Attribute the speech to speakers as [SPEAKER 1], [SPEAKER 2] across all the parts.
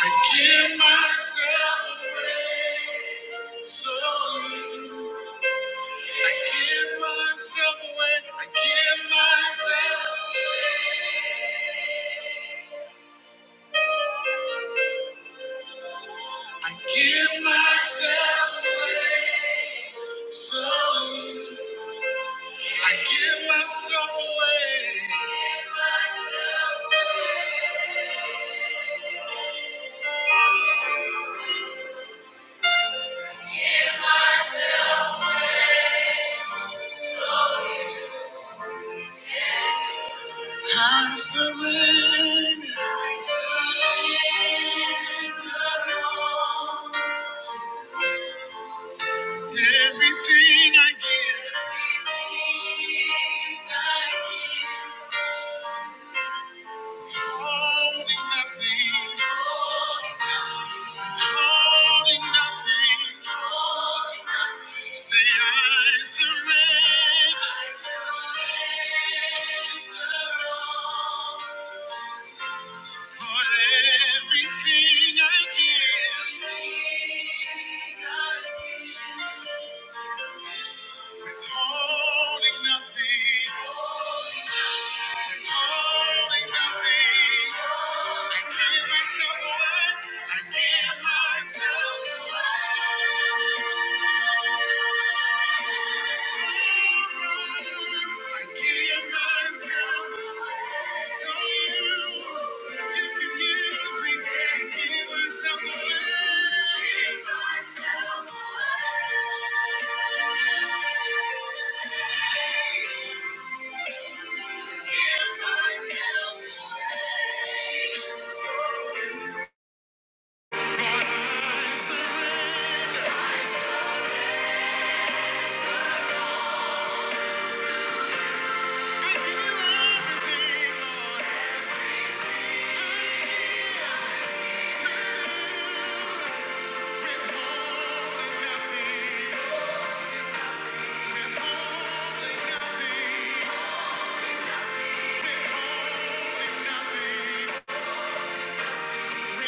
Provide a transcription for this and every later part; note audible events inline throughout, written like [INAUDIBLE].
[SPEAKER 1] I give myself away, so you. I give myself away. I give myself. I give myself away, so you. I give myself away. I surrender. I surrender. Everything I give. Everything I give. Holding nothing. Holding nothing. Say I surrender. I surrender all. Lord, everything I give. Everything I give. Withholding nothing. Holding nothing. I give myself away. I give myself away. Thank you. Can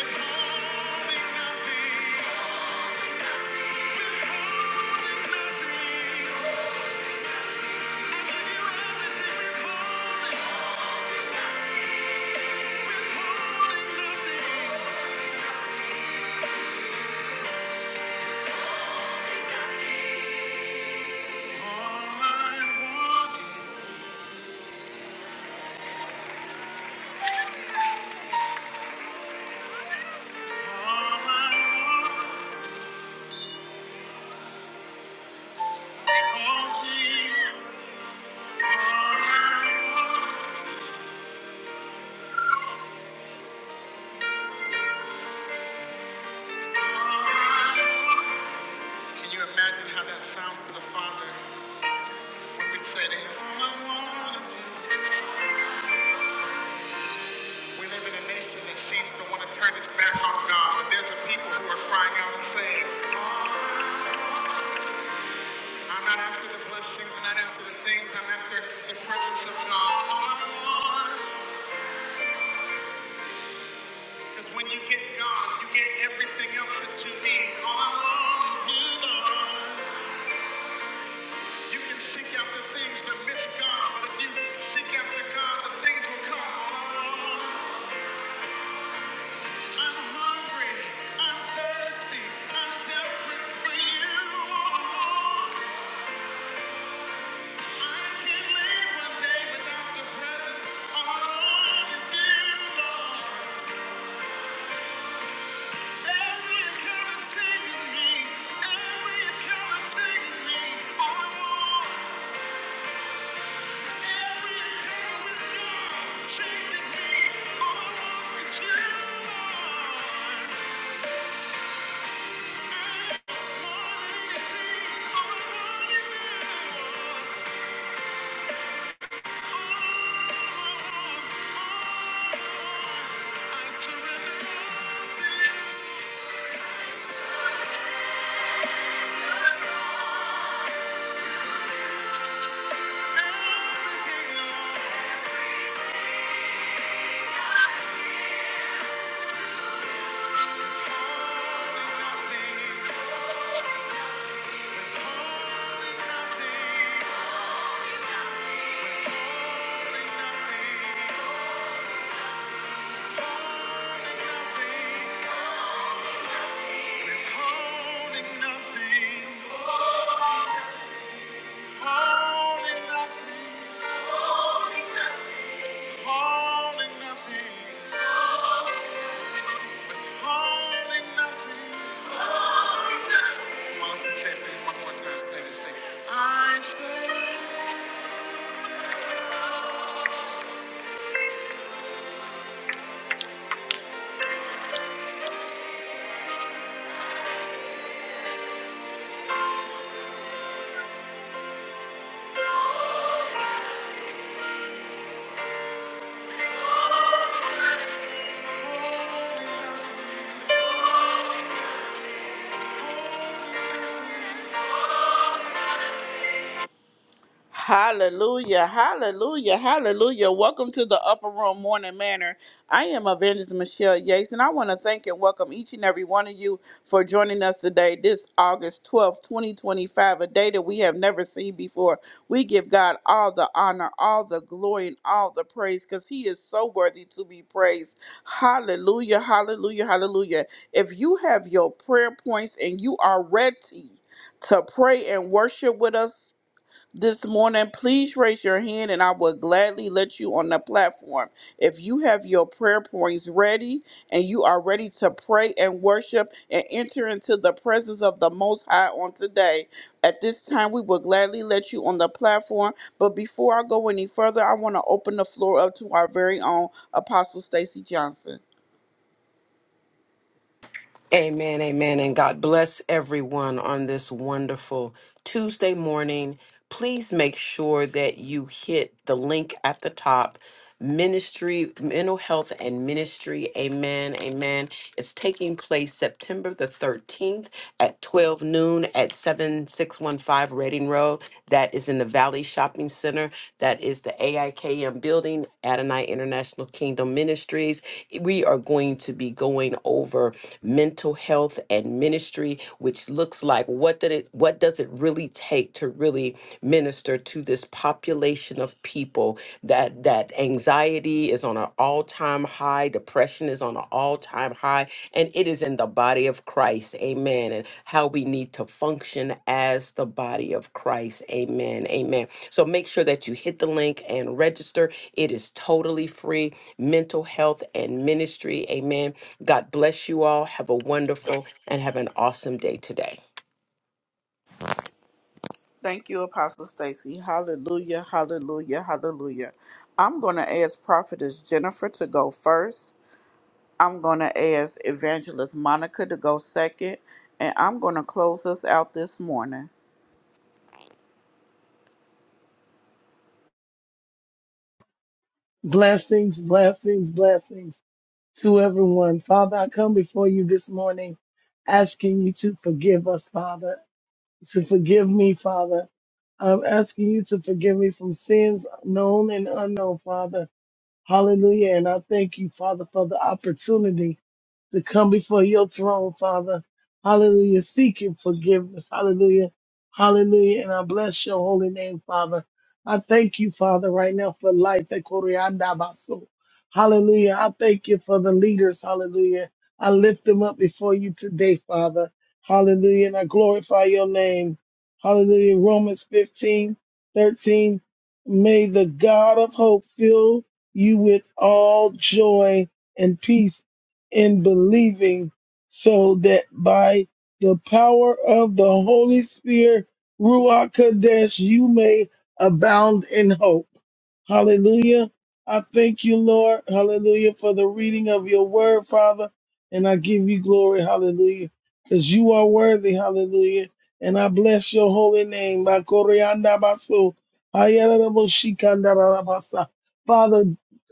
[SPEAKER 1] you imagine how that sounds to the Father when we say that? All I want We live in a nation that seems to want to turn its back on God, but there's a people who are crying out and saying, "All I I'm not after the blessings, I'm not after the things, I'm after the presence of God. All I want is when you get God, you get everything else that you need. All I want is you, Lord. You can seek after things but miss God, but if you seek after God, the things will come. All I want, I'm hungry, I'm thirsty, I'm desperate for you. All I want, I can't live one day without your presence. All I want is you, Lord. Thank you. Say it one more time. Say this. Say, I am say. Hallelujah, hallelujah, hallelujah. Welcome to the Upper Room Morning Manor. I am Evangelist Michelle Yates, and I want to thank and welcome each and every one of you for joining us today, this August twelfth, 2025, a day that we have never seen before. We give God all the honor, all the glory, and all the praise because He is so worthy to be praised. Hallelujah, hallelujah, hallelujah. If you have your prayer points and you are ready, to pray and worship with us this morning, please raise your hand and I will gladly let you on the platform. If you have your prayer points ready and you are ready to pray and worship and enter into the presence of the Most High on today, at this time we will gladly let you on the platform. But before I go any further, I want to open the floor up to our very own Apostle Stacy Johnson.
[SPEAKER 2] Amen, amen, and God bless everyone on this wonderful Tuesday morning. Please make sure that you hit the link at the top Ministry, Mental Health and Ministry. Amen, amen. It's taking place September the 13th at 12 noon at 7615 Reading Road. That is in the Valley Shopping Center. That is the AIKM building, Adonai International of Kingdom Ministries. We are going to be going over mental health and ministry, which looks like what did it what does it really take to really minister to this population of people that that anxiety is on an all-time high, depression is on an all-time high, and it is in the body of Christ. Amen. And how we need to function as the body of Christ. Amen. Amen. So make sure that you hit the link and register. It is totally free. Mental health and ministry. Amen. God bless you all. Have a wonderful and have an awesome day today.
[SPEAKER 1] Thank you, Apostle Stacy. Hallelujah, hallelujah, hallelujah. I'm going to ask Prophetess Jennifer to go first I'm going to ask Evangelist Monica to go second, and I'm going to close us out this morning.
[SPEAKER 3] Blessings, blessings, blessings to everyone. Father, I come before you this morning asking you to forgive us, Father, to forgive me, Father. I'm asking you to forgive me from sins known and unknown, Father. Hallelujah. And I thank you, Father, for the opportunity to come before your throne, Father. Hallelujah. Seeking forgiveness. Hallelujah. Hallelujah. And I bless your holy name, Father. I thank you, Father, right now for life. Ekoriandabaso. Hallelujah. I thank you for the leaders. Hallelujah. I lift them up before you today, Father. Hallelujah. And I glorify your name. Hallelujah. Romans 15:13. May the God of hope fill you with all joy and peace and believing, so that by the power of the Holy Spirit, Ruach Kadesh, you may abound in hope. Hallelujah. I thank you, Lord. Hallelujah. For the reading of your word, Father. And I give you glory. Hallelujah. Because you are worthy. Hallelujah. And I bless your holy name. Bakorianda basu. Ayarabashikanda rabasa. Father,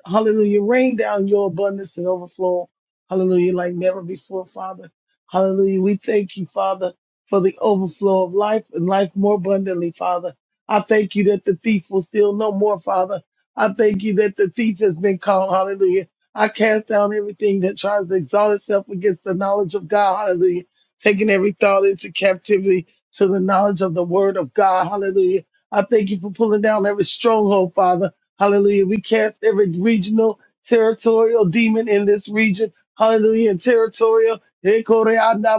[SPEAKER 3] hallelujah. Rain down your abundance and overflow. Hallelujah. Like never before, Father. Hallelujah. We thank you, Father, for the overflow of life and life more abundantly, Father. I thank you that the thief will steal no more, Father I thank you that the thief has been caught. Hallelujah. I cast down everything that tries to exalt itself against the knowledge of God. Hallelujah. Taking every thought into captivity to the knowledge of the word of God. Hallelujah. I thank you for pulling down every stronghold, Father. Hallelujah. We cast every regional, territorial demon in this region. Hallelujah. And territorial. Father,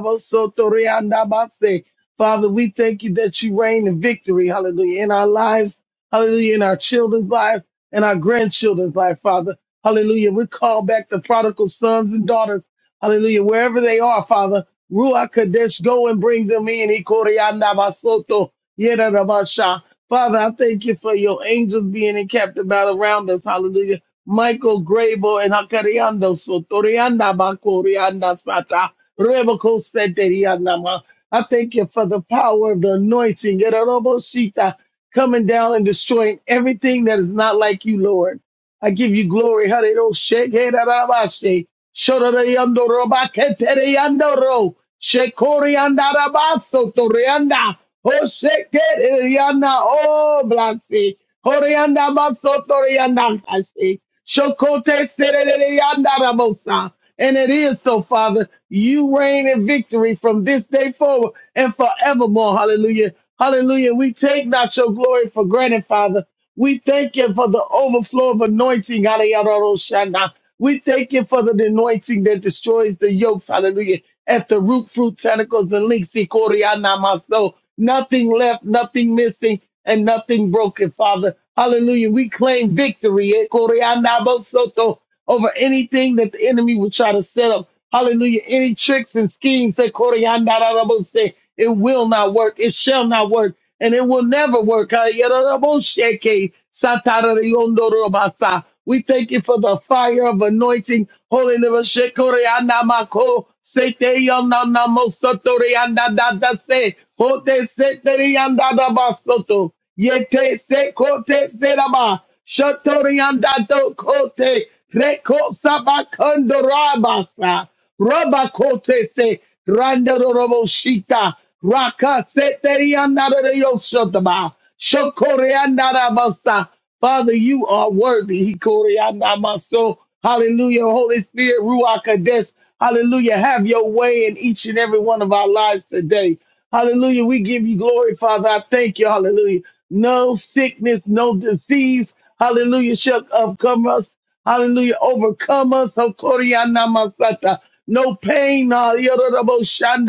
[SPEAKER 3] we thank you that you reign in victory. Hallelujah. In our lives. Hallelujah. In our children's lives and our grandchildren's life, Father. Hallelujah. We call back the prodigal sons and daughters. Hallelujah. Wherever they are, Father. Ruach Kadesh, go and bring them in. Ikorianda basoto, yera rabasha. Father, I thank you for your angels being encamped about around us. Hallelujah. Michael Grable and Hakariando Sotorianda Bakorianda Sata. Rebeko Seterianda. I thank you for the power of the anointing, Yadaraboshita, coming down and destroying everything that is not like you, Lord. I give you glory. Hallelujah. Shake it out of us, shake. Shoda de yando roba ketere yando ro. Shekori yanda rabaso torianda. Oh, shake it yanda. Oh, bless it. Horianda baso torianda kasi. Shokote serere yanda rabosa. And it is so, Father. You reign in victory from this day forward and forevermore. Hallelujah. Hallelujah. We take not your glory for granted, Father. We thank you for the overflow of anointing. Hallelujah. We thank you for the anointing that destroys the yokes. Hallelujah. At the root, fruit, tentacles, and links. Ikoriyana-maso. Nothing left, nothing missing, and nothing broken, Father. Hallelujah. We claim victory. Ikoriyana-bosoto over anything that the enemy would try to set up. Hallelujah. Any tricks and schemes that Koreandarabo say, it will not work. It shall not work. And it will never work. Ayaraboseke, satarayondorobasa. We thank you for the fire of anointing. Holy Koryandamako, Seteyonanamosotoriandadadase, Hote Seteriandadabasoto, Yete Sekote Serama, Shotoriandado Kote. Reko sabakando rabasa. Rabakote se randorobo shita. Raka seteriandarayosotaba. Shokoreandarabasa. Father, you are worthy. Hikoreandamaso. Hallelujah. Holy Spirit, Ruach Kodesh. Hallelujah. Have your way in each and every one of our lives today. Hallelujah. We give you glory, Father. I thank you. Hallelujah. No sickness, no disease. Hallelujah. Shall come us. Hallelujah. Overcome us. Hokoriana masata. No pain. na yororobo shanda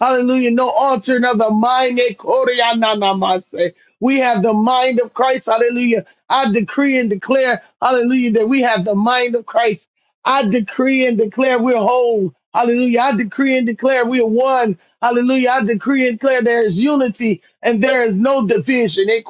[SPEAKER 3] Hallelujah. No altering of the mind. Ekoriana namase. We have the mind of Christ. Hallelujah. I decree and declare, hallelujah, that we have the mind of Christ. I decree and declare we're whole. Hallelujah. I decree and declare we are one. Hallelujah. I decree and declare there is unity and there is no division. Eh,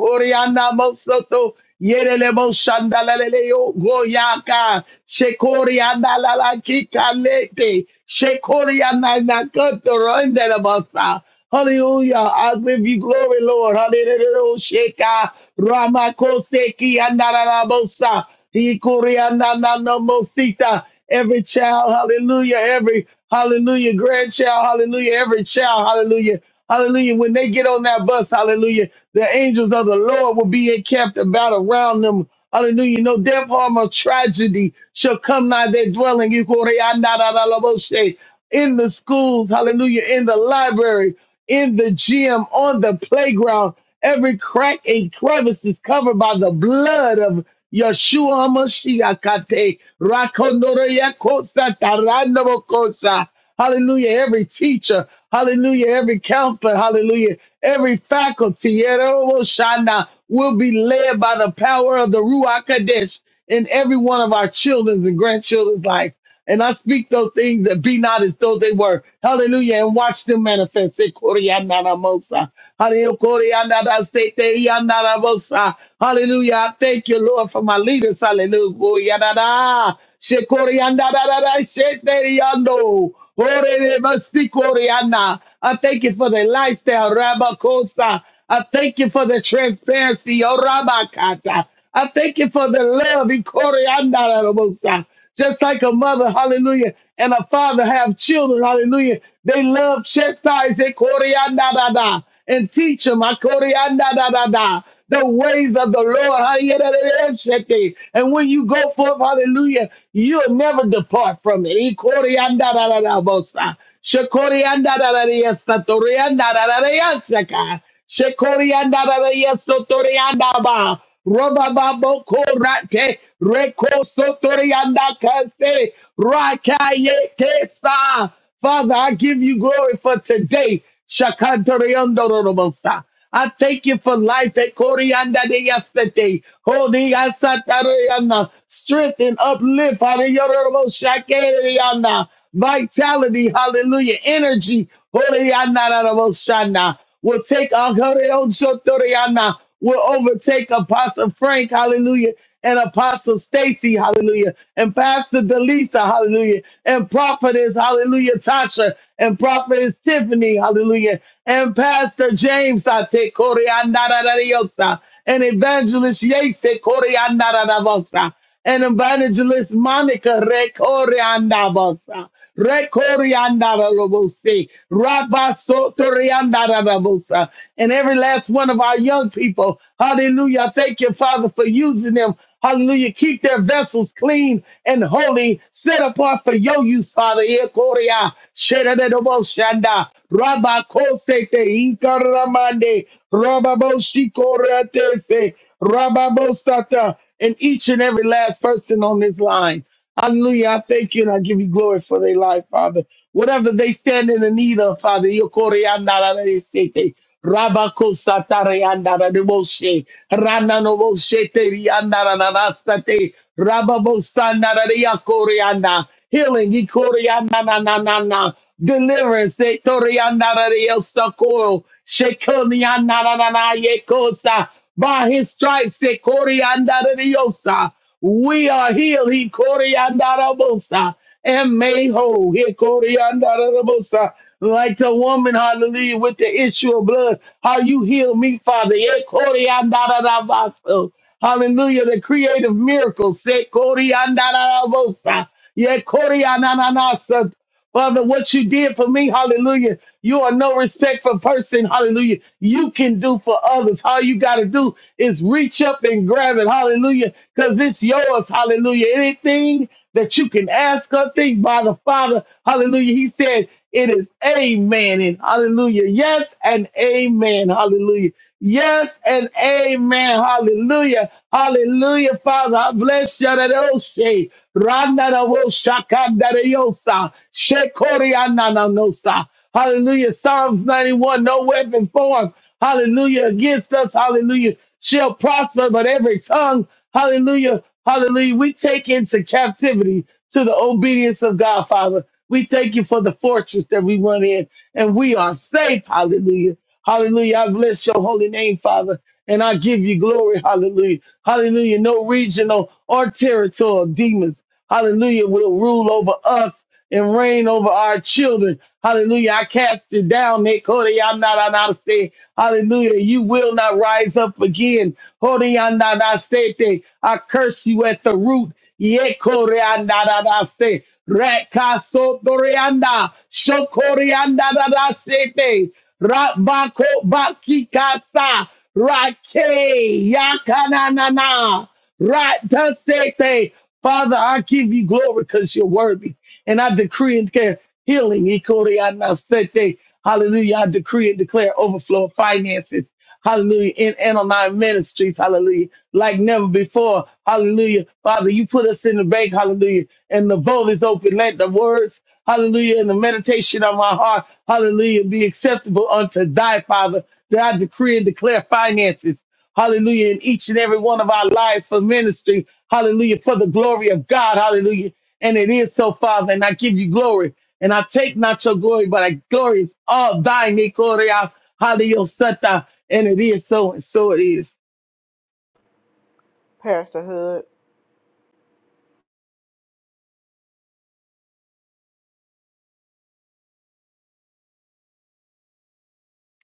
[SPEAKER 3] mosoto, yerelemo shandalaleleo, goyaka, shekoriana lalaki kalete, shekoriana nakato rondelebasa. Hallelujah. I give you glory, Lord. Hallelujah. Sheka Ramakoseki Anarabosa. Ikurianananomosita. Every child, hallelujah. Every hallelujah grandchild, hallelujah. Every child, hallelujah. Hallelujah. When they get on that bus, hallelujah, the angels of the Lord will be encamped about around them. Hallelujah. No death, harm, or tragedy shall come nigh their dwelling. Ikurianananomoshe. In the schools, hallelujah. In the library, in the gym, on the playground. Every crack and crevice is covered by the blood of Yeshua Mashiachate. Rakondoroyakosa, kosa. Tarandoro Kosa. Hallelujah. Every teacher, hallelujah. Every counselor, hallelujah. Every faculty, Yerobo shana will be led by the power of the Ruach Kadesh in every one of our children's and grandchildren's life. And I speak those things that be not as though they were. Hallelujah. And watch them manifest. Se koreanara mosa. Hallelujah. Koreanara se te yanara mosa. Hallelujah. I thank you, Lord, for my leaders. Hallelujah. Koreanara. She koreanara yando. Orere masi koreana. I thank you for the lifestyle, Rabba Costa. I thank you for the transparency, oh Rabba Kata. I thank you for the love, Ikore Andara just like a mother, hallelujah, and a father have children, hallelujah. They love chastise eh, koreanadada, and teach them ah, koreanadada, the ways of the Lord. hallelujah. And when you go forth, hallelujah, you'll never depart from it. Eh, koreanadadada, bosa. Shakorianadadada, yes, satorianadadada, yes, shaka. Shekorianda Raya Sotorianda Ba. Roba Babo Korate. Reko Sotorianda Kase. Rakaye Kesa. Father, I give you glory for today. Shakatorianda Rorobosa. I thank you for life at Corianda de yesterday. Holy Asatariana, strength and uplift. Hallelujah. Shakariana, Vitality. Hallelujah. Energy. Holy Anarabosana will take Agariotsotoriana, will overtake Apostle Frank, hallelujah, and Apostle Stacy, hallelujah, and Pastor Delisa, hallelujah, and Prophetess, hallelujah, Tasha, and Prophetess Tiffany, hallelujah, and Pastor James, I take Koreanararariosa, and Evangelist Yase, Koreanararavosa, and Evangelist Monica, Re Koreanavosa. Rekoriandarabose, Rabasotoriandarabosa. And every last one of our young people, hallelujah, I thank you, Father, for using them. Hallelujah. Keep their vessels clean and holy, set apart for your use, Father. Ekoria, Shedadadabosanda, Rabakosete, Inkaramande, Rababoshikoretese, Rababosata, and each and every last person on this line. Hallelujah. I thank you and I give you glory for their life, Father. Whatever they stand in the need of, Father, Yokore andara de sete, Rabako satare andara de moshe, Rana no moshe te ri andara na na sate, Rababo sandara de yakore anda, healing, Yikore anda na na na na, deliverance, Ekore andara de el sakoyo, Shekoni andara na na ye yekosa, by his stripes, de Coriandariosa, we are healed, he Coriandarabosa, and made whole, he Coriandarabosa. Like the woman, hallelujah, with the issue of blood, how you heal me, Father, he Coriandarabasa. Hallelujah, the creative miracles, se Coriandarabosa, ye Coriananasa, Father, what you did for me, hallelujah. You are no respect for person, hallelujah. You can do for others. All you got to do is reach up and grab it, hallelujah, because it's yours, hallelujah. Anything that you can ask or think by the Father, hallelujah. He said, it is amen and hallelujah. Yes and amen, hallelujah. Yes and amen. Hallelujah. Hallelujah, Father. I bless you. that old shade. Randa da wo shaka da da yo sa. Shekori ana no sa. Hallelujah. Psalms 91. No weapon formed. Hallelujah. Against us. Hallelujah. Shall prosper, but every tongue. Hallelujah. Hallelujah. We take into captivity to the obedience of God, Father. We thank you for the fortress that we run in and we are safe. Hallelujah. Hallelujah. I bless your holy name, Father. And I give you glory. Hallelujah. Hallelujah. No regional or territorial demons. Hallelujah. Will rule over us and reign over our children. Hallelujah. I cast you down, Nick. Holy, I'm not on our state. Hallelujah. You will not rise up again. Holy, I'm not on our state. I curse you at the root. Ye Kore, I'm not on our state. Rekasotorianda, Shokorianda da da sete. Rabako bakikasa. Rake yakananana. Ratasete. Father, I give you glory because you're worthy. And I decree and declare healing. Ikorianasete. Hallelujah. I decree and declare overflow of finances. Hallelujah. In Anonine Ministries. Hallelujah. Like never before. Hallelujah. Father, you put us in the bank. Hallelujah. And the vote is open. Let the words, hallelujah, and the meditation of my heart, hallelujah, be acceptable unto thy Father. That I decree and declare finances. Hallelujah. In each and every one of our lives for ministry. Hallelujah. For the glory of God. Hallelujah. And it is so, Father. And I give you glory. And I take not your glory, but I glory is all thine, Nikoria, Hallelujah! And it is so, and so it is.
[SPEAKER 1] Pastor Hood.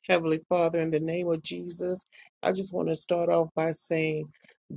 [SPEAKER 4] Heavenly Father, in the name of Jesus, I just want to start off by saying,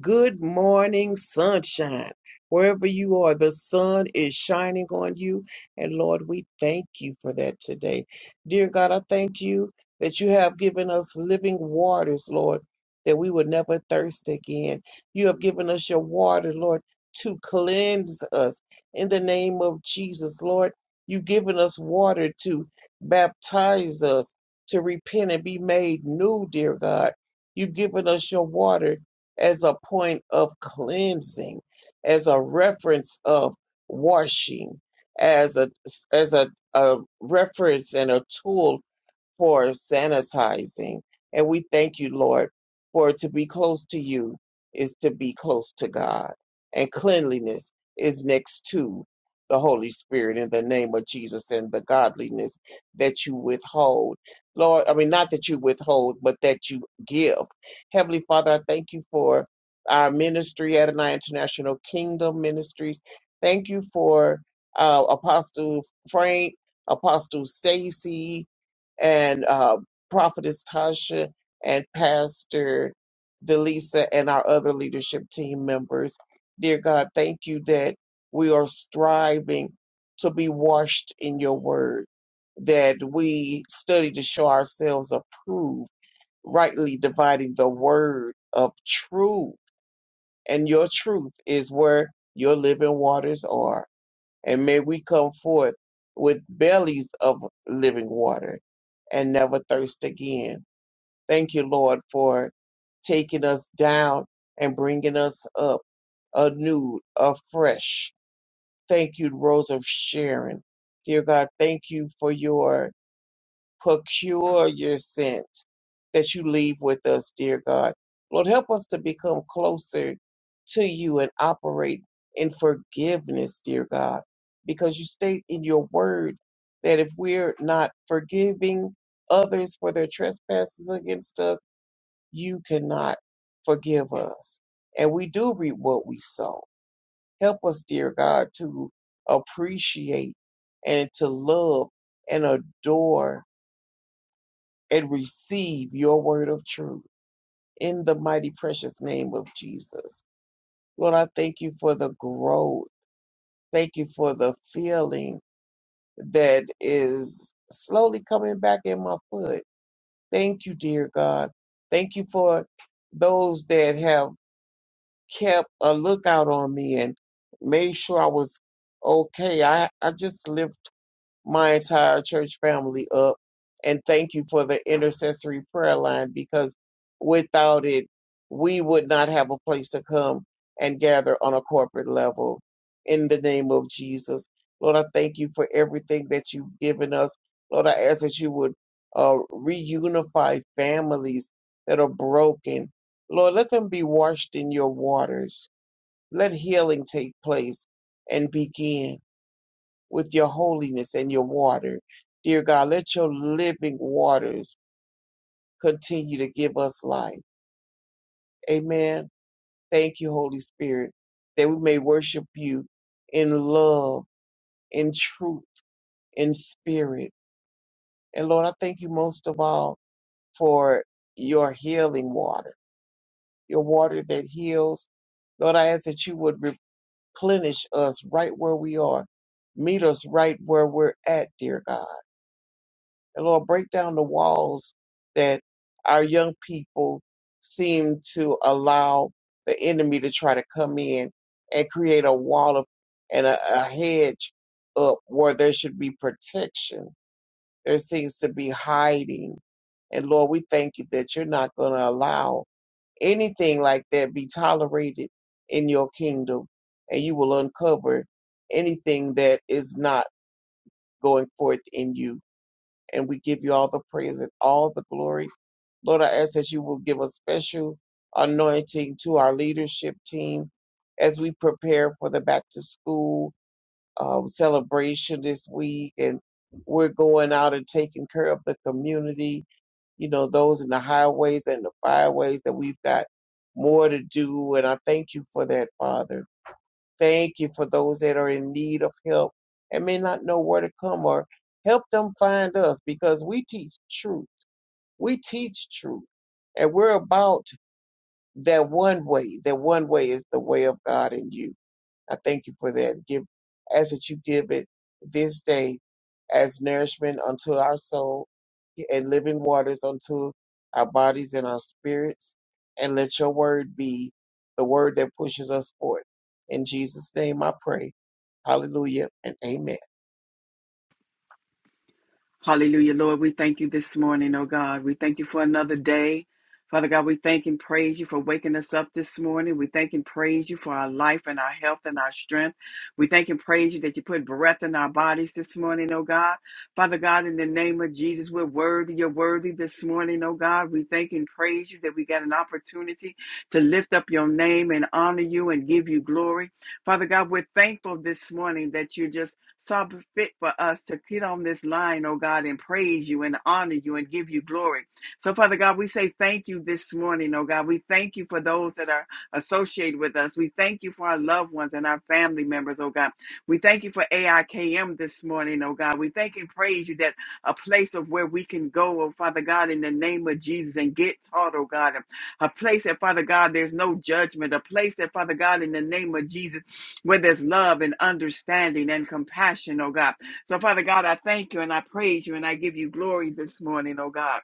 [SPEAKER 4] Good morning, sunshine. Wherever you are, the sun is shining on you. And Lord, we thank you for that today. Dear God, I thank you that you have given us living waters, Lord, that we would never thirst again. You have given us your water, Lord, to cleanse us in the name of Jesus, Lord. You've given us water to baptize us to repent and be made new, dear God. You've given us your water as a point of cleansing, as a reference of washing, as a as a, a reference and a tool for sanitizing. And we thank you, Lord, for to be close to you is to be close to God. And cleanliness is next to the Holy Spirit in the name of Jesus and the godliness that you withhold. Lord, I mean, not that you withhold, but that you give. Heavenly Father, I thank you for our ministry, Adonai International Kingdom Ministries. Thank you for uh, Apostle Frank, Apostle Stacy, and uh, Prophetess Tasha and Pastor Delisa and our other leadership team members. Dear God, thank you that we are striving to be washed in your word, that we study to show ourselves approved, rightly dividing the word of truth. And your truth is where your living waters are and may we come forth with bellies of living water and never thirst again. Thank you, Lord, for taking us down and bringing us up anew, afresh. Thank you, Rose of Sharon. Dear God, thank you for your procure your scent that you leave with us, dear God. Lord, help us to become closer to you and operate in forgiveness, dear God, because you state in your word that if we're not forgiving others for their trespasses against us, you cannot forgive us. And we do reap what we sow. Help us, dear God, to appreciate and to love and adore and receive your word of truth in the mighty precious name of Jesus. Lord, I thank you for the growth. Thank you for the feeling that is slowly coming back in my foot. Thank you, dear God. Thank you for those that have kept a lookout on me and made sure I was okay. I, I just lived. my entire church family up. And thank you for the intercessory prayer line because without it, we would not have a place to come and gather on a corporate level. In the name of Jesus, Lord, I thank you for everything that you've given us. Lord, I ask that you would uh, reunify families that are broken. Lord, let them be washed in your waters. Let healing take place and begin with your holiness and your water. Dear God, let your living waters continue to give us life. Amen. Thank you, Holy Spirit, that we may worship you in love, in truth, in spirit. And Lord, I thank you most of all for your healing water, your water that heals. Lord, I ask that you would replenish us right where we are. Meet us right where we're at, dear God And Lord, break down the walls that our young people seem to allow the enemy to try to come in and create a wall of, and a, a hedge up where there should be protection. There seems to be hiding. And Lord, we thank you that you're not going to allow anything like that be tolerated in your kingdom. And you will uncover anything that is not going forth in you and we give you all the praise and all the glory. Lord, I ask that you will give a special anointing to our leadership team as we prepare for the back to school um, celebration this week. And we're going out and taking care of the community, you know, those in the highways and the byways that we've got more to do. And I thank you for that, Father. Thank you for those that are in need of help and may not know where to come or help them find us because we teach truth. We teach truth. And we're about that one way. That one way is the way of God in you. I thank you for that. Give as that you give it this day as nourishment unto our soul and living waters unto our bodies and our spirits. And let your word be the word that pushes us forth. In Jesus' name I pray. Hallelujah and amen.
[SPEAKER 5] Hallelujah, Lord. We thank you this morning, oh God. We thank you for another day. Father God, we thank and praise you for waking us up this morning. We thank and praise you for our life and our health and our strength. We thank and praise you that you put breath in our bodies this morning, oh God. Father God, in the name of Jesus, we're worthy. You're worthy this morning, oh God. We thank and praise you that we got an opportunity to lift up your name and honor you and give you glory. Father God, we're thankful this morning that you just so fit for us to get on this line, oh God, and praise you and honor you and give you glory. So, Father God, we say thank you this morning, oh God. We thank you for those that are associated with us. We thank you for our loved ones and our family members, oh God. We thank you for AIKM this morning, oh God. We thank and praise you that a place of where we can go, oh Father God, in the name of Jesus and get taught, oh God. A place that, Father God, there's no judgment. A place that, Father God, in the name of Jesus where there's love and understanding and compassion, oh God. So, Father God, I thank you and I praise you and I give you glory this morning, oh God.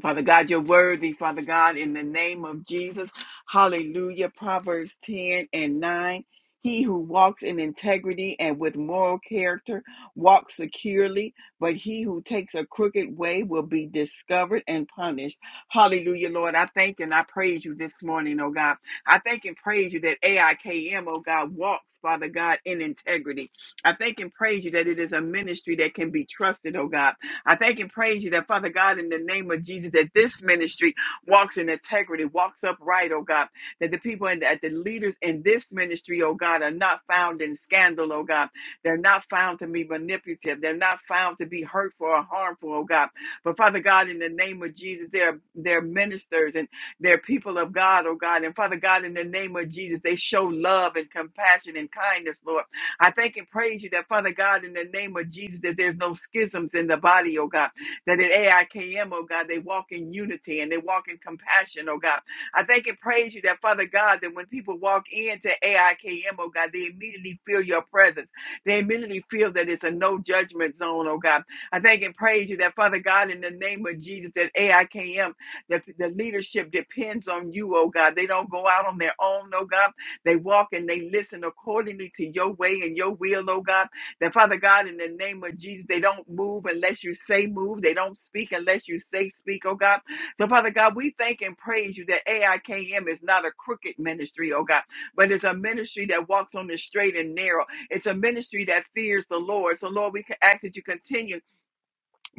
[SPEAKER 5] Father God, you're worthy, Father God, in the name of Jesus. Hallelujah. Proverbs 10 and 9. He who walks in integrity and with moral character walks securely, but he who takes a crooked way will be discovered and punished. Hallelujah, Lord. I thank and I praise you this morning, oh God. I thank and praise you that AIKM, oh God, walks, Father God, in integrity. I thank and praise you that it is a ministry that can be trusted, oh God. I thank and praise you that, Father God, in the name of Jesus, that this ministry walks in integrity, walks upright, oh God, that the people and that the leaders in this ministry, oh God, are not found in scandal, oh God. They're not found to be manipulative. They're not found to be hurtful or harmful, oh God. But Father God, in the name of Jesus, they're, they're ministers and they're people of God, oh God. And Father God, in the name of Jesus, they show love and compassion and kindness, Lord. I thank and praise you that, Father God, in the name of Jesus, that there's no schisms in the body, oh God, that at AIKM, oh God, they walk in unity and they walk in compassion, oh God. I thank and praise you that, Father God, that when people walk into AIKM, oh God, they immediately feel your presence. They immediately feel that it's a no judgment zone, oh God. I thank and praise you that, Father God, in the name of Jesus, that AIKM, that the leadership depends on you, oh God. They don't go out on their own, oh God they walk and they listen accordingly to your way and your will, oh God. That Father God, in the name of Jesus, they don't move unless you say move. They don't speak unless you say speak, oh God. So Father God, we thank and praise you that AIKM is not a crooked ministry, oh God, but it's a ministry that walks on the straight and narrow. It's a ministry that fears the Lord. So Lord, we ask that you continue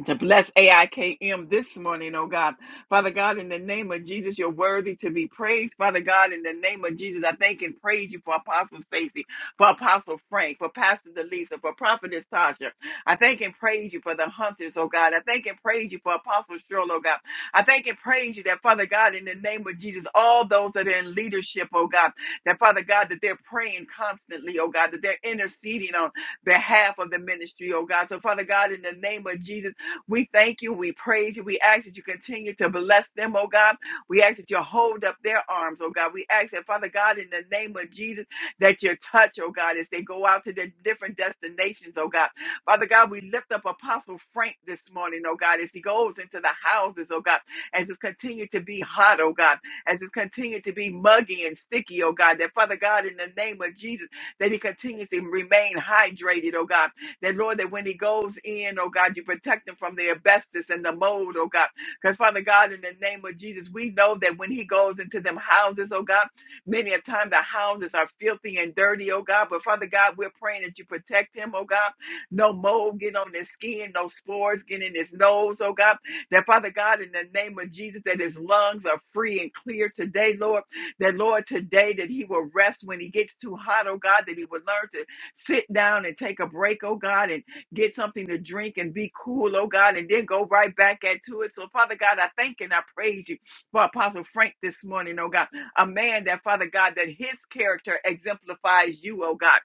[SPEAKER 5] to bless AIKM this morning, oh God. Father God, in the name of Jesus, you're worthy to be praised. Father God, in the name of Jesus, I thank and praise you for Apostle Stacy, for Apostle Frank, for Pastor Delisa, for Prophetess Tasha. I thank and praise you for the hunters, oh God. I thank and praise you for Apostle Shirl, oh God. I thank and praise you that, Father God, in the name of Jesus, all those that are in leadership, oh God, that, Father God, that they're praying constantly, oh God, that they're interceding on behalf of the ministry, oh God. So, Father God, in the name of Jesus, we thank you. We praise you. We ask that you continue to bless them, oh God. We ask that you hold up their arms, oh God. We ask that, Father God, in the name of Jesus, that you touch, oh God, as they go out to their different destinations, oh God. Father God, we lift up Apostle Frank this morning, oh God, as he goes into the houses, oh God, as it continue to be hot, oh God, as it continue to be muggy and sticky, oh God, that Father God, in the name of Jesus, that he continues to remain hydrated, oh God, that Lord, that when he goes in, oh God, you protect him from the asbestos and the mold, oh God. Because Father God, in the name of Jesus, we know that when he goes into them houses, oh God, many a time the houses are filthy and dirty, oh God. But Father God, we're praying that you protect him, oh God. No mold get on his skin, no spores get in his nose, oh God. That Father God, in the name of Jesus, that his lungs are free and clear today, Lord. That Lord, today that he will rest when he gets too hot, oh God, that he will learn to sit down and take a break, oh God, and get something to drink and be cool, oh God, and then go right back into it. So, Father God, I thank and I praise you for Apostle Frank this morning, oh God, a man that, Father God, that his character exemplifies you, oh God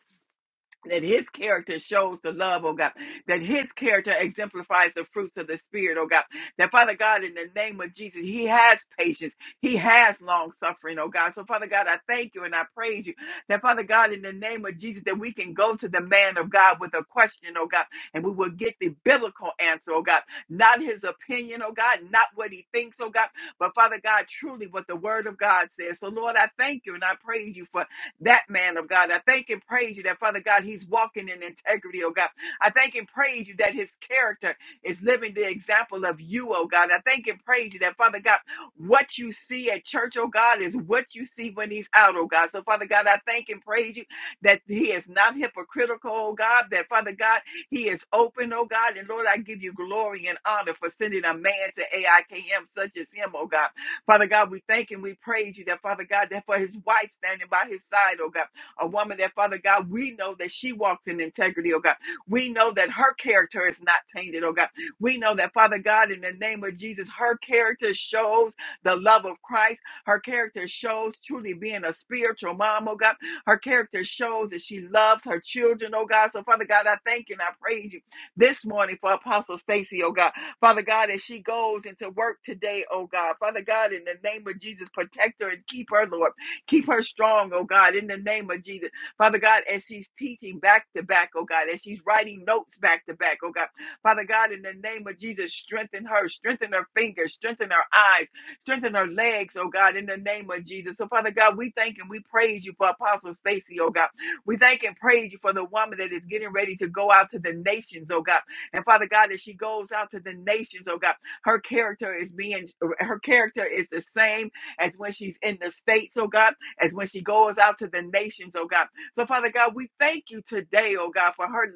[SPEAKER 5] that his character shows the love, oh God, that his character exemplifies the fruits of the Spirit, oh God, that Father God, in the name of Jesus, he has patience, he has long suffering, oh God. So, Father God, I thank you and I praise you that, Father God, in the name of Jesus, that we can go to the man of God with a question, oh God, and we will get the biblical answer, oh God, not his opinion, oh God, not what he thinks, oh God, but Father God, truly what the word of God says. So, Lord, I thank you and I praise you for that man of God. I thank and praise you that, Father God, he's walking in integrity, oh God. I thank and praise you that his character is living the example of you, oh God. I thank and praise you that, Father God, what you see at church, oh God, is what you see when he's out, oh God. So, Father God, I thank and praise you that he is not hypocritical, oh God, that, Father God, he is open, oh God. And Lord, I give you glory and honor for sending a man to AIKM such as him, oh God. Father God, we thank and we praise you that, Father God, that for his wife standing by his side, oh God, a woman that, Father God, we know that she walks in integrity, oh God. We know that her character is not tainted, oh God. We know that, Father God, in the name of Jesus, her character shows the love of Christ. Her character shows truly being a spiritual mom, oh God. Her character shows that she loves her children, oh God. So, Father God, I thank you and I praise you this morning for Apostle Stacy, oh God. Father God, as she goes into work today, oh God. Father God, in the name of Jesus, protect her and keep her, Lord. Keep her strong, oh God, in the name of Jesus. Father God, as she's teaching back to back, oh God, as she's writing notes back to back, oh God. Father God, in the name of Jesus, strengthen her, strengthen her fingers, strengthen her eyes, strengthen her legs, oh God, in the name of Jesus. So, Father God, we thank and we praise you for Apostle Stacy, oh God. We thank and praise you for the woman that is getting ready to go out to the nations, oh God. And Father God, as she goes out to the nations, oh God, her character is being, her character is the same as when she's in the States, oh God, as when she goes out to the nations, oh God. So, Father God, we thank you today, oh God, for her,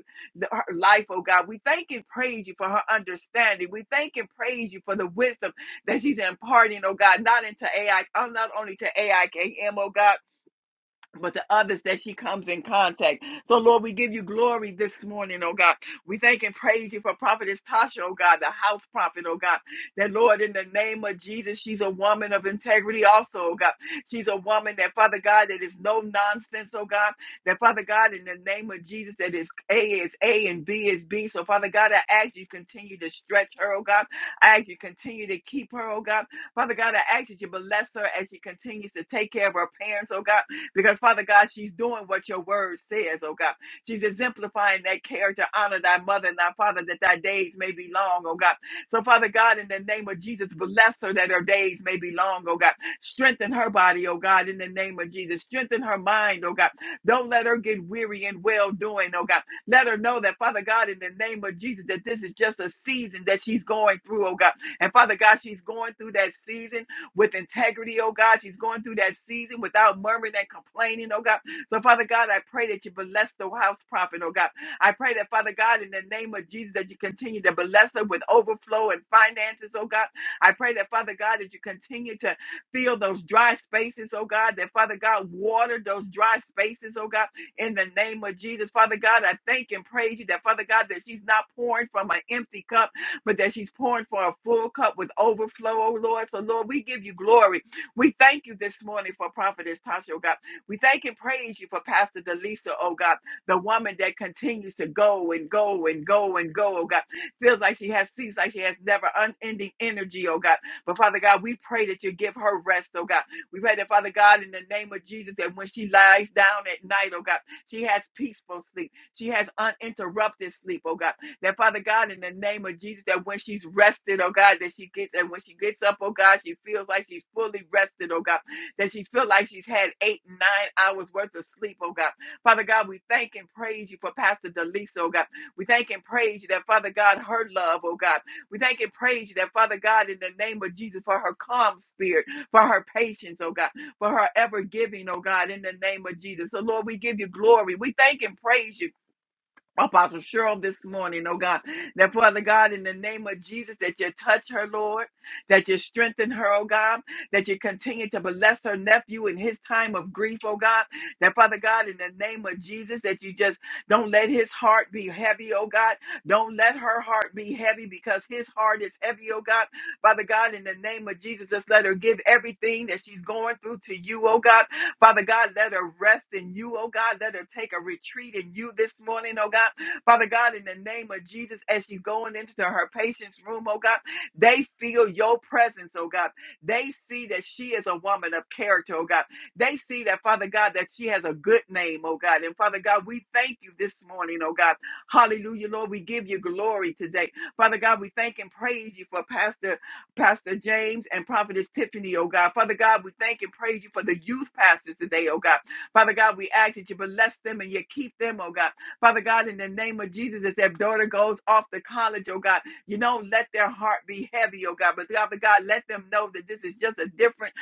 [SPEAKER 5] her life, oh God. We thank and praise you for her understanding. We thank and praise you for the wisdom that she's imparting, oh God, not into AI, uh, not only to AIKM, oh God but the others that she comes in contact. So, Lord, we give you glory this morning, oh God. We thank and praise you for Prophetess Tasha, oh God, the house prophet, oh God. That, Lord, in the name of Jesus, she's a woman of integrity also, oh God. She's a woman that, Father God, that is no nonsense, oh God. That, Father God, in the name of Jesus, that is A is A and B is B. So, Father God, I ask you continue to stretch her, oh God. I ask you continue to keep her, oh God. Father God, I ask that you bless her as she continues to take care of her parents, oh God. [LAUGHS] because Father God, she's doing what your word says, oh God. She's exemplifying that character. Honor thy mother and thy father that thy days may be long, oh God. So, Father God, in the name of Jesus, bless her that her days may be long, oh God. Strengthen her body, oh God, in the name of Jesus. Strengthen her mind, oh God. Don't let her get weary and well doing, oh God. Let her know that, Father God, in the name of Jesus, that this is just a season that she's going through, oh God. And Father God, she's going through that season with integrity, oh God. She's going through that season without murmuring and complaining, oh God. So, Father God, I pray that you bless the house prophet, oh God. I pray that, Father God, in the name of Jesus, that you continue to bless her with overflow and finances, oh God. I pray that, Father God, that you continue to fill those dry spaces, oh God, that, Father God, water those dry spaces, oh God, in the name of Jesus. Father God, I thank and praise you that, Father God, that she's not pouring from an empty cup, but that she's pouring for a full cup with overflow, oh Lord. So, Lord, we give you glory. We thank you this morning for Prophetess Tasha, oh God. We thank and praise you for Pastor Delisa, oh God, the woman that continues to go and go and go and go, oh God. Feels like she has, seems like she has never unending energy, oh God. But Father God, we pray that you give her rest, oh God. We pray that, Father God, in the name of Jesus, that when she lies down at night, oh God, she has peaceful sleep. She has uninterrupted sleep, oh God. That Father God, in the name of Jesus, that when she's rested, oh God, that she gets and when she gets up, oh God, she feels like she's fully rested, oh God, that she feels like she's had eight, nine hours worth of sleep, oh God. Father God, we thank and praise you for Pastor Delisa, oh God. We thank and praise you that Father God, her love, oh God. We thank and praise you that Father God, in the name of Jesus, for her calm spirit, for her patience, oh God, for her ever giving, oh God, in the name of Jesus. So Lord, we give you glory. We thank and praise you Apostle Cheryl this morning, oh God. That Father God, in the name of Jesus, that you touch her, Lord, that you strengthen her, oh God, that you continue to bless her nephew in his time of grief, oh God. That Father God, in the name of Jesus, that you just don't let his heart be heavy, oh God. Don't let her heart be heavy because his heart is heavy, oh God. Father God, in the name of Jesus, just let her give everything that she's going through to you, oh God. Father God, let her rest in you, oh God. Let her take a retreat in you this morning, oh God. Father God, in the name of Jesus, as she's going into her patient's room, oh God, they feel your presence, oh God. They see that she is a woman of character, oh God. They see that, Father God, that she has a good name, oh God. And Father God, we thank you this morning, oh God. Hallelujah, Lord. We give you glory today. Father God, we thank and praise you for Pastor. Pastor James and Prophetess Tiffany, oh God. Father God, we thank and praise you for the youth pastors today, oh God. Father God, we ask that you bless them and you keep them, oh God. Father God, in the name of Jesus, as their daughter goes off to college, oh God, you don't let their heart be heavy, oh God. But Father God, let them know that this is just a different,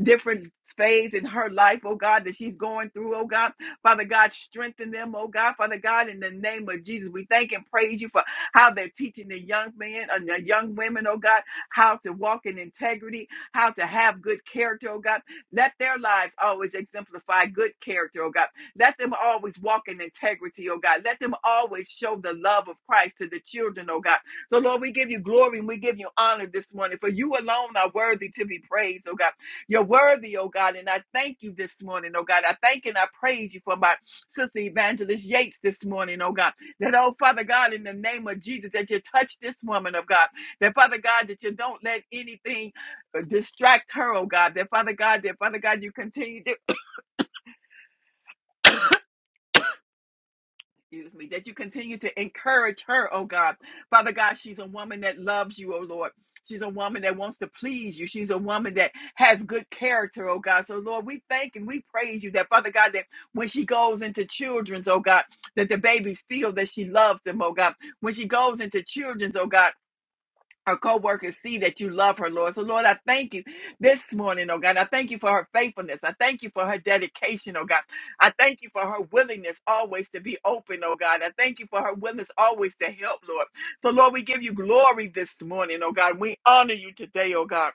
[SPEAKER 5] different phase in her life, oh God, that she's going through, oh God. Father God, strengthen them, oh God. Father God, in the name of Jesus, we thank and praise you for how they're teaching the young men and the young women, oh God how to walk in integrity, how to have good character, oh God. Let their lives always exemplify good character, oh God. Let them always walk in integrity, oh God. Let them always show the love of Christ to the children, oh God. So, Lord, we give you glory and we give you honor this morning, for you alone are worthy to be praised, oh God. You're worthy, oh God, and I thank you this morning, oh God. I thank and I praise you for my sister evangelist Yates this morning, oh God. That, oh Father God, in the name of Jesus, that you touch this woman of God that Father God, that you don't let anything uh, distract her, oh God. That Father God, that Father God, you continue to excuse me, that you continue to encourage her, oh God. Father God, she's a woman that loves you, oh Lord. She's a woman that wants to please you. She's a woman that has good character, oh God. So Lord, we thank and we praise you that Father God, that when she goes into children's, oh God, that the babies feel that she loves them, oh God. When she goes into children's, oh God. her co-workers see that you love her, Lord. So, Lord, I thank you this morning, oh God. I thank you for her faithfulness. I thank you for her dedication, oh God. I thank you for her willingness always to be open, oh God. I thank you for her willingness always to help, Lord. So, Lord, we give you glory this morning, oh God. We honor you today, oh God.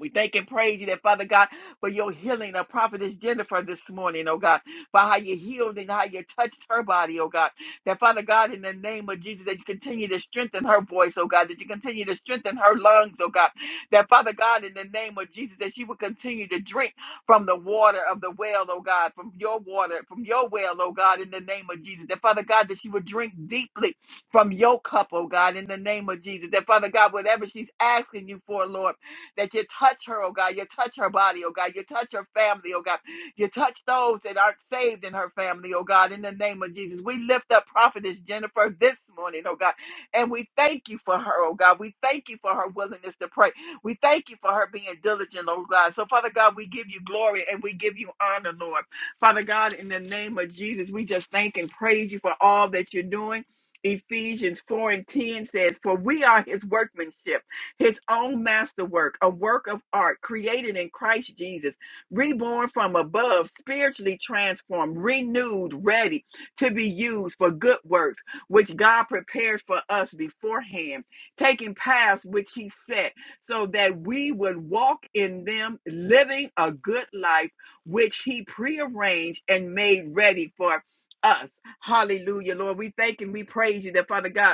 [SPEAKER 5] We thank and praise you that, Father God, for your healing of Prophetess Jennifer this morning, oh God, for how you healed and how you touched her body, oh God. That, Father God, in the name of Jesus, that you continue to strengthen her voice, oh God, that you continue to strengthen her lungs, oh God. That, Father God, in the name of Jesus, that she will continue to drink from the water of the well, oh God, from your water, from your well, oh God, in the name of Jesus. That, Father God, that she would drink deeply from your cup, oh God, in the name of Jesus. That, Father God, whatever she's asking you for, Lord, that you touch her, oh God. You touch her body, oh God. You touch her family, oh God. You touch those that aren't saved in her family, oh God, in the name of Jesus. We lift up Prophetess Jennifer this morning, oh God. And we thank you for her, oh God. We thank you for her willingness to pray. We thank you for her being diligent, oh God. So, Father God, we give you glory and we give you honor, Lord. Father God, in the name of Jesus, we just thank and praise you for all that you're doing. Ephesians 4 and 10 says, For we are his workmanship his own masterwork, a work of art created in Christ Jesus, reborn from above, spiritually transformed, renewed, ready to be used for good works, which God prepared for us beforehand, taking paths which he set so that we would walk in them, living a good life, which he prearranged and made ready for us. Hallelujah, Lord. We thank and we praise you that, Father God.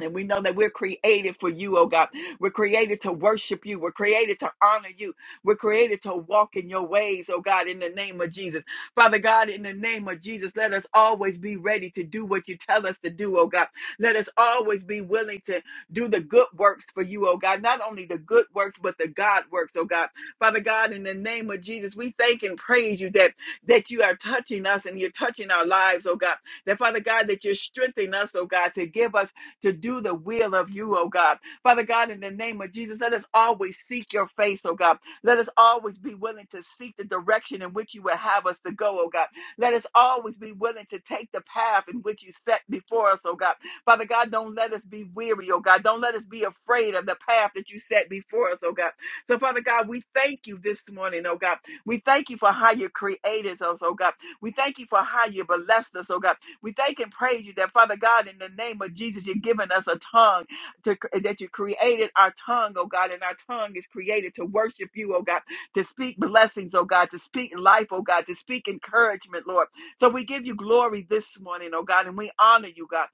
[SPEAKER 5] And we know that we're created for you, oh God. We're created to worship you. We're created to honor you. We're created to walk in your ways, oh God, in the name of Jesus. Father God, in the name of Jesus, let us always be ready to do what you tell us to do, oh God. Let us always be willing to do the good works for you, oh God. Not only the good works, but the God works, oh God. Father God, in the name of Jesus, we thank and praise you that, that you are touching us and you're touching our lives, oh God. That Father God, that you're strengthening us, oh God, to give us to do the will of you, oh God. Father God, in the name of Jesus, let us always seek your face, oh God. Let us always be willing to seek the direction in which you would have us to go, oh God. Let us always be willing to take the path in which you set before us, oh God. Father God, don't let us be weary, oh God. Don't let us be afraid of the path that you set before us, oh God. So, Father God, we thank you this morning, oh God. We thank you for how you created us, oh God. We thank you for how you blessed us, oh God. We thank and praise you that, Father God, in the name of Jesus, you're giving us a tongue to that you created our tongue, oh God, and our tongue is created to worship you, oh God, to speak blessings, oh God, to speak life, oh God, to speak encouragement, Lord. So we give you glory this morning, oh God, and we honor you, God.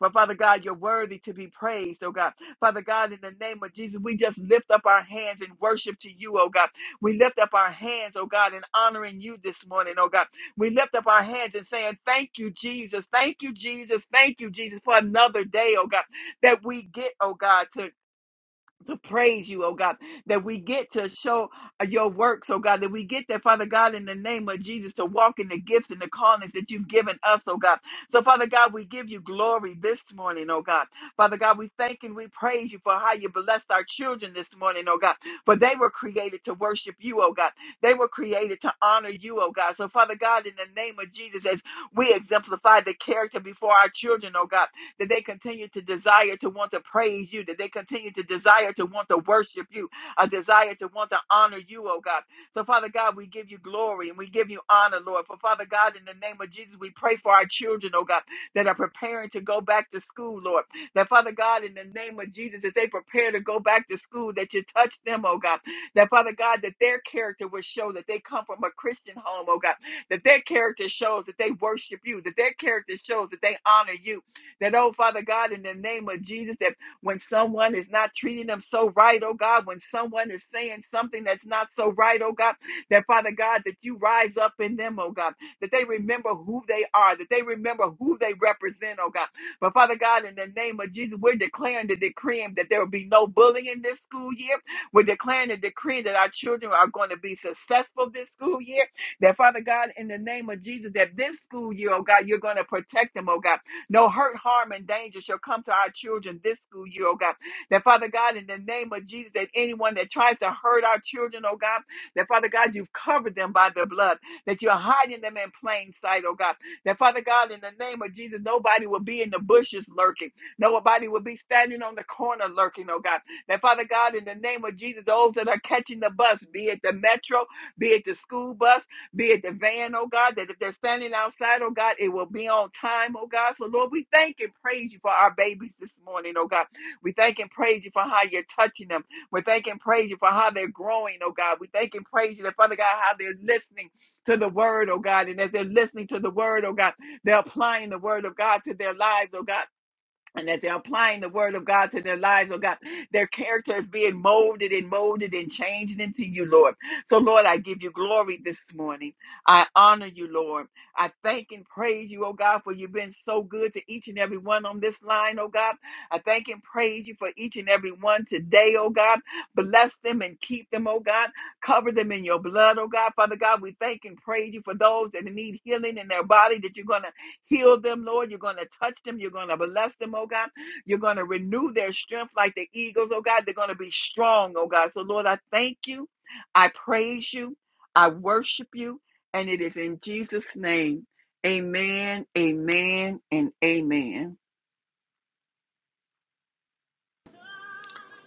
[SPEAKER 5] But Father God, you're worthy to be praised, oh God. Father God, in the name of Jesus, we just lift up our hands in worship to you, oh God. We lift up our hands, oh God, in honoring you this morning, oh God. We lift up our hands and saying, Thank you, Jesus. Thank you, Jesus. Thank you, Jesus, for another day, oh God, that we get, oh God, to to praise you, oh God, that we get to show uh, your works, oh God, that we get that, Father God, in the name of Jesus, to walk in the gifts and the callings that you've given us, oh God. So, Father God, we give you glory this morning, oh God. Father God, we thank and we praise you for how you blessed our children this morning, oh God, for they were created to worship you, oh God. They were created to honor you, oh God. So, Father God, in the name of Jesus, as we exemplify the character before our children, oh God that they continue to desire to want to praise you, that they continue to desire to want to worship you, a desire to want to honor you, oh God. So, Father God, we give you glory and we give you honor, Lord. For Father God, in the name of Jesus, we pray for our children, oh God, that are preparing to go back to school, Lord. That Father God, in the name of Jesus, as they prepare to go back to school, that you touch them, oh God. That Father God, that their character will show that they come from a Christian home, oh God. That their character shows that they worship you, that their character shows that they honor you, that, oh, Father God, in the name of Jesus, that when someone is not treating them so right, oh God, when someone is saying something that's not so right, oh God, that, Father God, that you rise up in them, oh God, that they remember who they are, that they remember who they represent, oh God. But, Father God, in the name of Jesus, we're declaring the decreeing that there will be no bullying in this school year. We're declaring the decreeing that our children are going to be successful this school year. That Father God, in the name of Jesus, that this school year, oh God, you're going to protect them, oh God. No hurt, harm, and danger shall come to our children this school year, oh God. That Father God, in the name of Jesus, that anyone that tries to hurt our children, oh God, that Father God, you've covered them by the blood, that you're hiding them in plain sight, oh God. That Father God, in the name of Jesus, nobody will be in the bushes lurking. Nobody will be standing on the corner lurking, oh God. That Father God, in the name of Jesus, those that are catching the bus, be it the metro, be it the school bus, be it the van, oh God, that if they're standing outside, oh God, it will be on time, oh God. So, Lord, we thank and praise you for our babies this morning, oh God. We thank and praise you for how you're touching them. We thank and praise you for how they're growing, oh God. We thank and praise you, that, Father God, how they're listening to the word, oh God. And as they're listening to the word, oh God, they're applying the word of God to their lives, oh God and that they're applying the word of God to their lives, oh God. Their character is being molded and molded and changed into you, Lord. So, Lord, I give you glory this morning. I honor you, Lord. I thank and praise you, oh God, for you've been so good to each and every one on this line, oh God. I thank and praise you for each and every one today, oh God. Bless them and keep them, oh God. Cover them in your blood, oh God. Father God, we thank and praise you for those that need healing in their body that you're going to Heal them, Lord. You're going to touch them. You're going to bless them, oh God. You're going to renew their strength like the eagles, oh God. They're going to be strong, oh God. So, Lord, I thank you. I praise you. I worship you. And it is in Jesus' name. Amen, amen, and amen.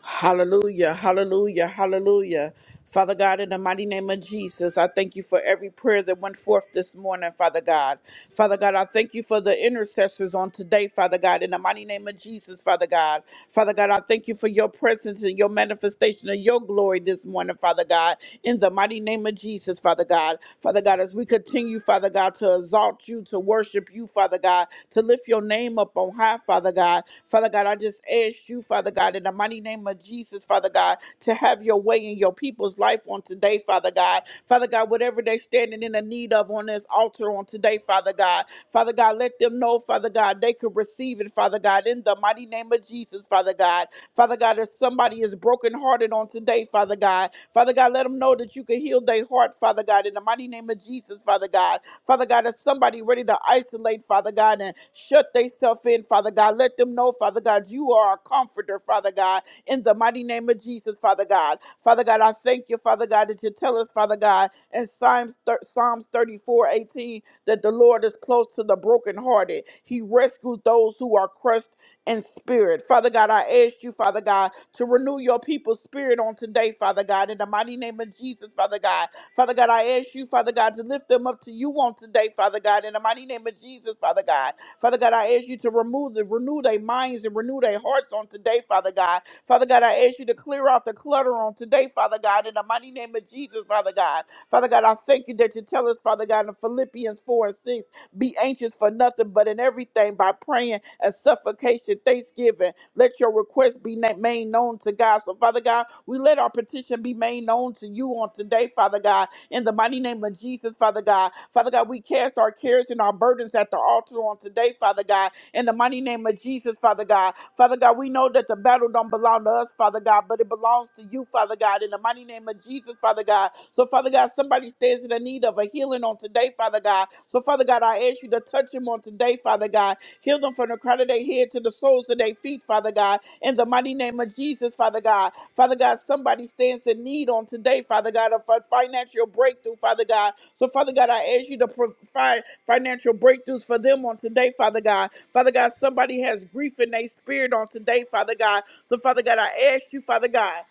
[SPEAKER 1] Hallelujah, hallelujah, hallelujah. Father God, in the mighty name of Jesus, I thank you for every prayer that went forth this morning, Father God. Father God, I thank you for the intercessors on today, Father God, in the mighty name of Jesus, Father God. Father God, I thank you for your presence and your manifestation of your glory this morning, Father God, in the mighty name of Jesus, Father God. Father God, as we continue, Father. Father God, to exalt you, to worship you, Father God, to lift your name up on high, Father God. Father God, I just ask you, Father God, in the mighty name of Jesus, Father God, to have your way in your people's life on today, Father God. Father God, whatever they're standing in the need of on this altar on today, Father God. Father God, let them know, Father God, they could receive it, Father God, in the mighty name of Jesus, Father God. Father God, if somebody is brokenhearted on today, Father God, Father God, let them know that you can heal their heart, Father God, in the mighty name of Jesus, Father God. Father God, there's somebody ready to isolate, Father God, and shut themselves in, Father God. Let them know, Father God, you are a comforter, Father God, in the mighty name of Jesus, Father God. Father God, I thank you, Father God, that you tell us, Father God, in Psalms, thir- Psalms 34, eighteen, that the Lord is close to the brokenhearted. He rescues those who are crushed in spirit. Father God, I ask you, Father God, to renew your people's spirit on today, Father God, in the mighty name of Jesus, Father God. Father God, I ask you, Father God, to lift them up to you on today, Father God, in the mighty name of Jesus, Father God. Father God, I ask you to remove the renew their minds and renew their hearts on today, Father God. Father God, I ask you to clear off the clutter on today, Father God, in the mighty name of Jesus, Father God. Father God, I thank you that you tell us, Father God, in Philippians 4 and 6 be anxious for nothing but in everything by praying and supplication, thanksgiving. Let your request be na- made known to God. So, Father God, we let our petition be made known to you on today, Father God. In the mighty name of Jesus, Father God. Father God, we cast our cares and our burdens at the altar on today, Father God in the mighty name of Jesus, Father God. Father God, we know that the battle don't belong to us, Father God, but it belongs to you, Father God, in the mighty name of Jesus, Father God. So, Father God, somebody stands in the need of a healing on today, Father God. So, Father God, I ask you to touch him on today, Father God Heal them from the crown of their head to the soles of their feet, Father God. In the mighty name of Jesus, Father God. Father God, somebody stands in need on today, Father God, of a financial breakthrough, Father God. So, Father God, I ask you to provide financial breakthroughs for them on today, Father God. Father God, somebody has grief in their spirit on today, Father God. So, Father God, I ask you, Father God,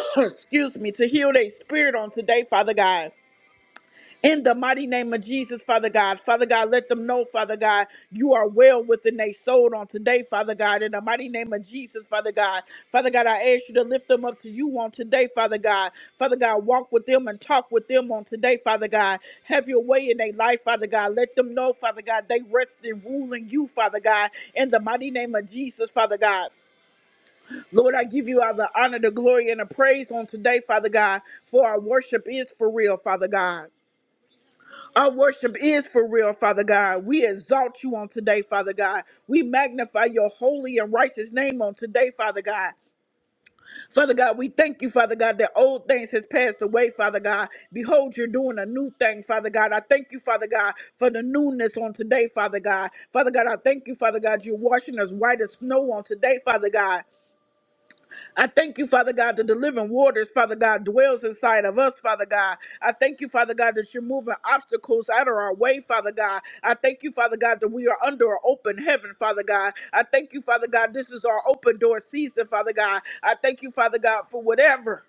[SPEAKER 1] [CLEARS THROAT] excuse me, to heal their spirit on today, Father God. In the mighty name of Jesus, Father God. Father God, let them know, Father God, you are well within their soul on today, Father God. In the mighty name of Jesus, Father God. Father God, I ask you to lift them up to you on today, Father God. Father God, walk with them and talk with them on today, Father God. Have your way in their life, Father God. Let them know, Father God, they rest and rule in you, Father God. In the mighty name of Jesus, Father God. Lord, I give you all the honor, the glory, and the praise on today, Father God, for our worship is for real, Father God. Our worship is for real, Father God. We exalt you on today, Father God. We magnify your holy and righteous name on today, Father God. Father God, we thank you, Father God, that old things has passed away, Father God. Behold, you're doing a new thing, Father God. I thank you, Father God, for the newness on today, Father God. Father God, I thank you, Father God, you're washing us white as snow on today, Father God. I thank you, Father God, the delivering waters, Father God, dwells inside of us, Father God. I thank you, Father God, that you're moving obstacles out of our way, Father God. I thank you, Father God, that we are under an open heaven, Father God. I thank you, Father God, this is our open door season, Father God. I thank you, Father God, for whatever.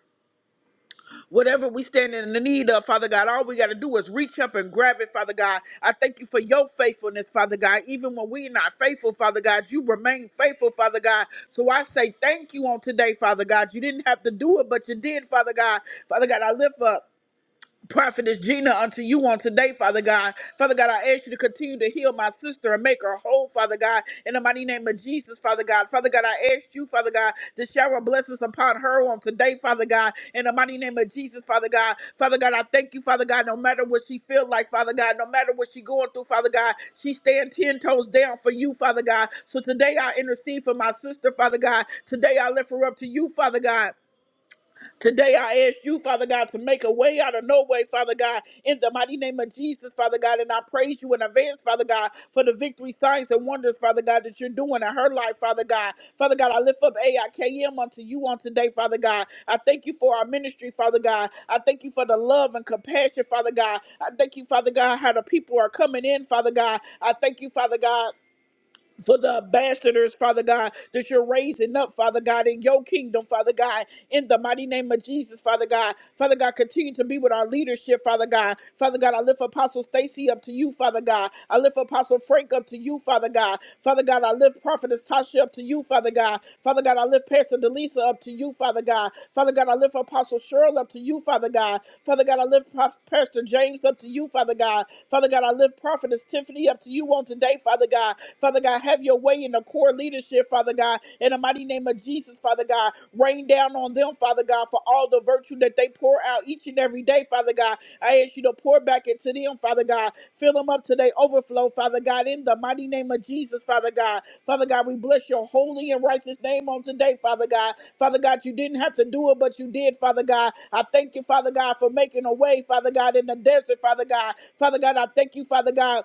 [SPEAKER 1] Whatever we stand in the need of, Father God, all we got to do is reach up and grab it, Father God. I thank you for your faithfulness, Father God. Even when we're not faithful, Father God, you remain faithful, Father God. So I say thank you on today, Father God. You didn't have to do it, but you did, Father God. Father God, I lift up. Prophetess Gina unto you on today, Father God. Father God, I ask you to continue to heal my sister and make her whole, Father God, in the mighty name of Jesus, Father God. Father God, I ask you, Father God, to shower blessings upon her on today, Father God, in the mighty name of Jesus, Father God. Father God, I thank you, Father God, no matter what she feel like, Father God, no matter what she going through, Father God, she stand ten toes down for you, Father God. So today I intercede for my sister, Father God. Today I lift her up to you, Father God. Today I ask you, Father God, to make a way out of no way, Father God, in the mighty name of Jesus, Father God. And I praise you in advance, Father God, for the victory, signs, and wonders, Father God, that you're doing in her life, Father God. Father God, I lift up AIKM unto you on today, Father God. I thank you for our ministry, Father God. I thank you for the love and compassion, Father God. I thank you, Father God, how the people are coming in, Father God. I thank you, Father God for the ambassadors, Father God, that you're raising up, Father God, in your kingdom, Father God, in the mighty name of Jesus, Father God. Father God, continue to be with our leadership, Father God. Father God, I lift Apostle Stacy up to you, Father God. I lift Apostle Frank up to you, Father God. Father God, I lift Prophetess Tasha up to you, Father God. Father God, I lift Pastor Delisa up to you, Father God. Father God, I lift Apostle Cheryl up to you, Father God. Father God, I lift Pop- Pastor James up to you, Father God. Father God, I lift Prophetess Tiffany up to you on today, pray, Father God. Father God, have your way in the core leadership, Father God. In the mighty name of Jesus, Father God, rain down on them, Father God, for all the virtue that they pour out each and every day, Father God. I ask you to pour back into them, Father God. Fill them up to their overflow, Father God, in the mighty name of Jesus, Father God. Father God, we bless your holy and righteous name on today, Father God. Father God, you didn't have to do it, but you did, Father God. I thank you, Father God, for making a way, Father God, in the desert, Father God. Father God, I thank you, Father God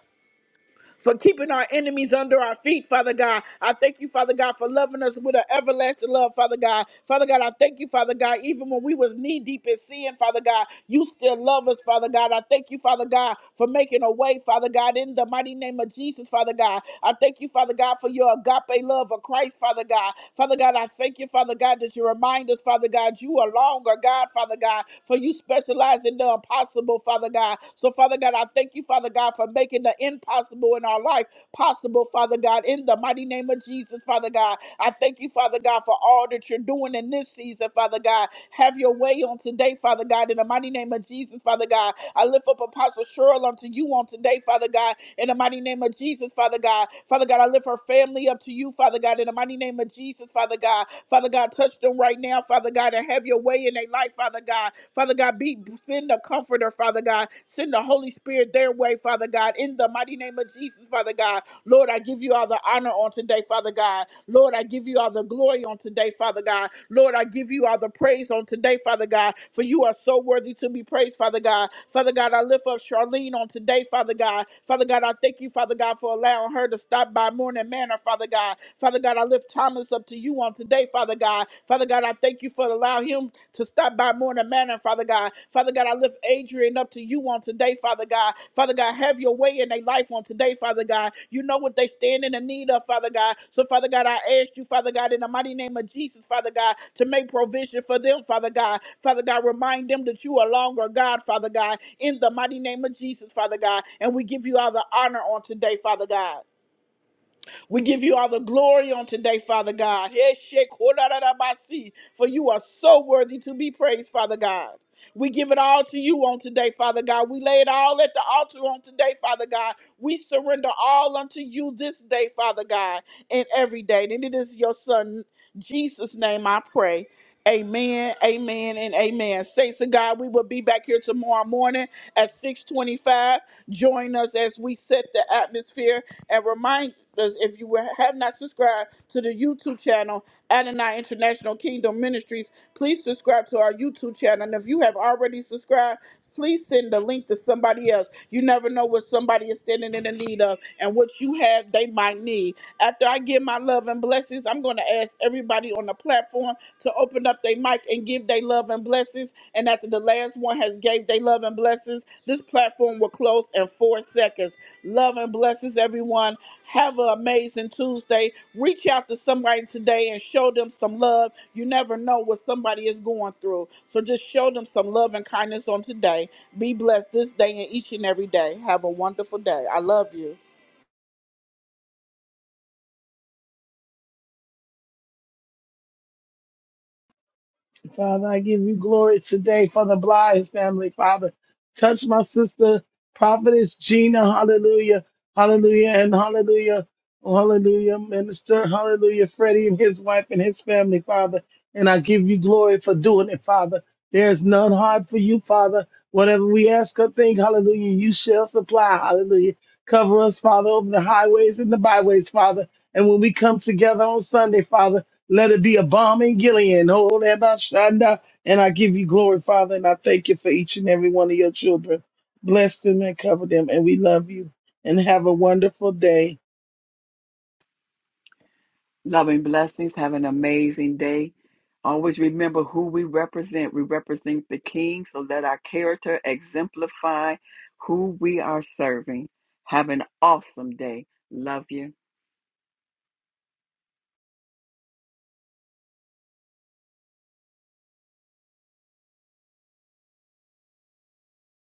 [SPEAKER 1] for keeping our enemies under our feet, Father God. I thank you, Father God, for loving us with an everlasting love, Father God. Father God, I thank you, Father God, even when we was knee deep in sin, Father God, you still love us, Father God. I thank you, Father God, for making a way, Father God, in the mighty name of Jesus, Father God. I thank you, Father God, for your agape love of Christ, Father God. Father God, I thank you, Father God, that you remind us, Father God, you are longer, God, Father God, for you specialize in the impossible, Father God. Father God. So, Father God, I thank you, Father God, for making the impossible in our life possible, Father God, in the mighty name of Jesus, Father God. I thank you, Father God, for all that you're doing in this season, Father God. Have your way on today, Father God, in the mighty name of Jesus, Father God. I lift up Apostle Cheryl unto you on today, Father God, in the mighty name of Jesus, Father God. Father God, I lift her family up to you, Father God, in the mighty name of Jesus, Father God. Father God, touch them right now, Father God, and have your way in their life, Father God. Father God, be send the comforter, Father God. Send the Holy Spirit their way, Father God, in the mighty name of Jesus, Father God. Lord, I give you all the honor on today, Father God. Lord, I give you all the glory on today, Father God. Lord, I give you all the praise on today, Father God, for you are so worthy to be praised, Father God. Father God, I lift up Charlene on today, Father God. Father God, I thank you, Father God, for allowing her to stop by Morning Manor, Father God. Father God, I lift Thomas up up to you on today, Father God. Father God, I thank you for allowing him to stop by Morning Manor, Father God. Father God, I lift Adrian up to you on today, Father God. Father God, have your way in their life on today, Father God. You know what they stand in the need of, Father God. So, Father God, I ask you, Father God, in the mighty name of Jesus, Father God, to make provision for them, Father God. Father God, remind them that you are longer God, Father God, in the mighty name of Jesus, Father God. And we give you all the honor on today, Father God. We give you all the glory on today, Father God. Yeshekorarabasi, For you are so worthy to be praised, Father God. We give it all to you on today, Father God. We lay it all at the altar on today, Father God. We surrender all unto you this day, Father God, and every day. And it is your Son, Jesus' name, I pray. Amen, amen, and amen. Saints of God, we will be back here tomorrow morning at 625. Join us as we set the atmosphere and reminders if you have not subscribed to the YouTube channel, Adonai International Kingdom Ministries, please subscribe to our YouTube channel. And if you have already subscribed, please send the link to somebody else. You never know what somebody is standing in the need of and what you have they might need. After I give my love and blessings, I'm going to ask everybody on the platform to open up their mic and give their love and blessings and after the last one has gave their love and blessings, this platform will close in four seconds. Love and blessings, everyone. Have an amazing Tuesday. Reach out to somebody today and show them some love. You never know what somebody is going through. So just show them some love and kindness on today. Be blessed this day and each and every day. Have a wonderful day. I love you.
[SPEAKER 3] Father, I give you glory today for the Blythe family, Father. Touch my sister, prophetess Gina. Hallelujah. Hallelujah. And hallelujah. Hallelujah. Minister. Hallelujah. Freddie and his wife and his family, Father. And I give you glory for doing it, Father. There is none hard for you, Father. Whatever we ask or think, hallelujah, you shall supply. Hallelujah. Cover us, Father, over the highways and the byways, Father. And when we come together on Sunday, Father, let it be a bomb in Gilead. Oh, Rabbi Shanda. And I give you glory, Father, and I thank you for each and every one of your children. Bless them and cover them. And we love you. And have a wonderful day.
[SPEAKER 5] Loving blessings. Have an amazing day. Always remember who we represent. We represent the King, so let our character exemplify who we are serving. Have an awesome day. Love you.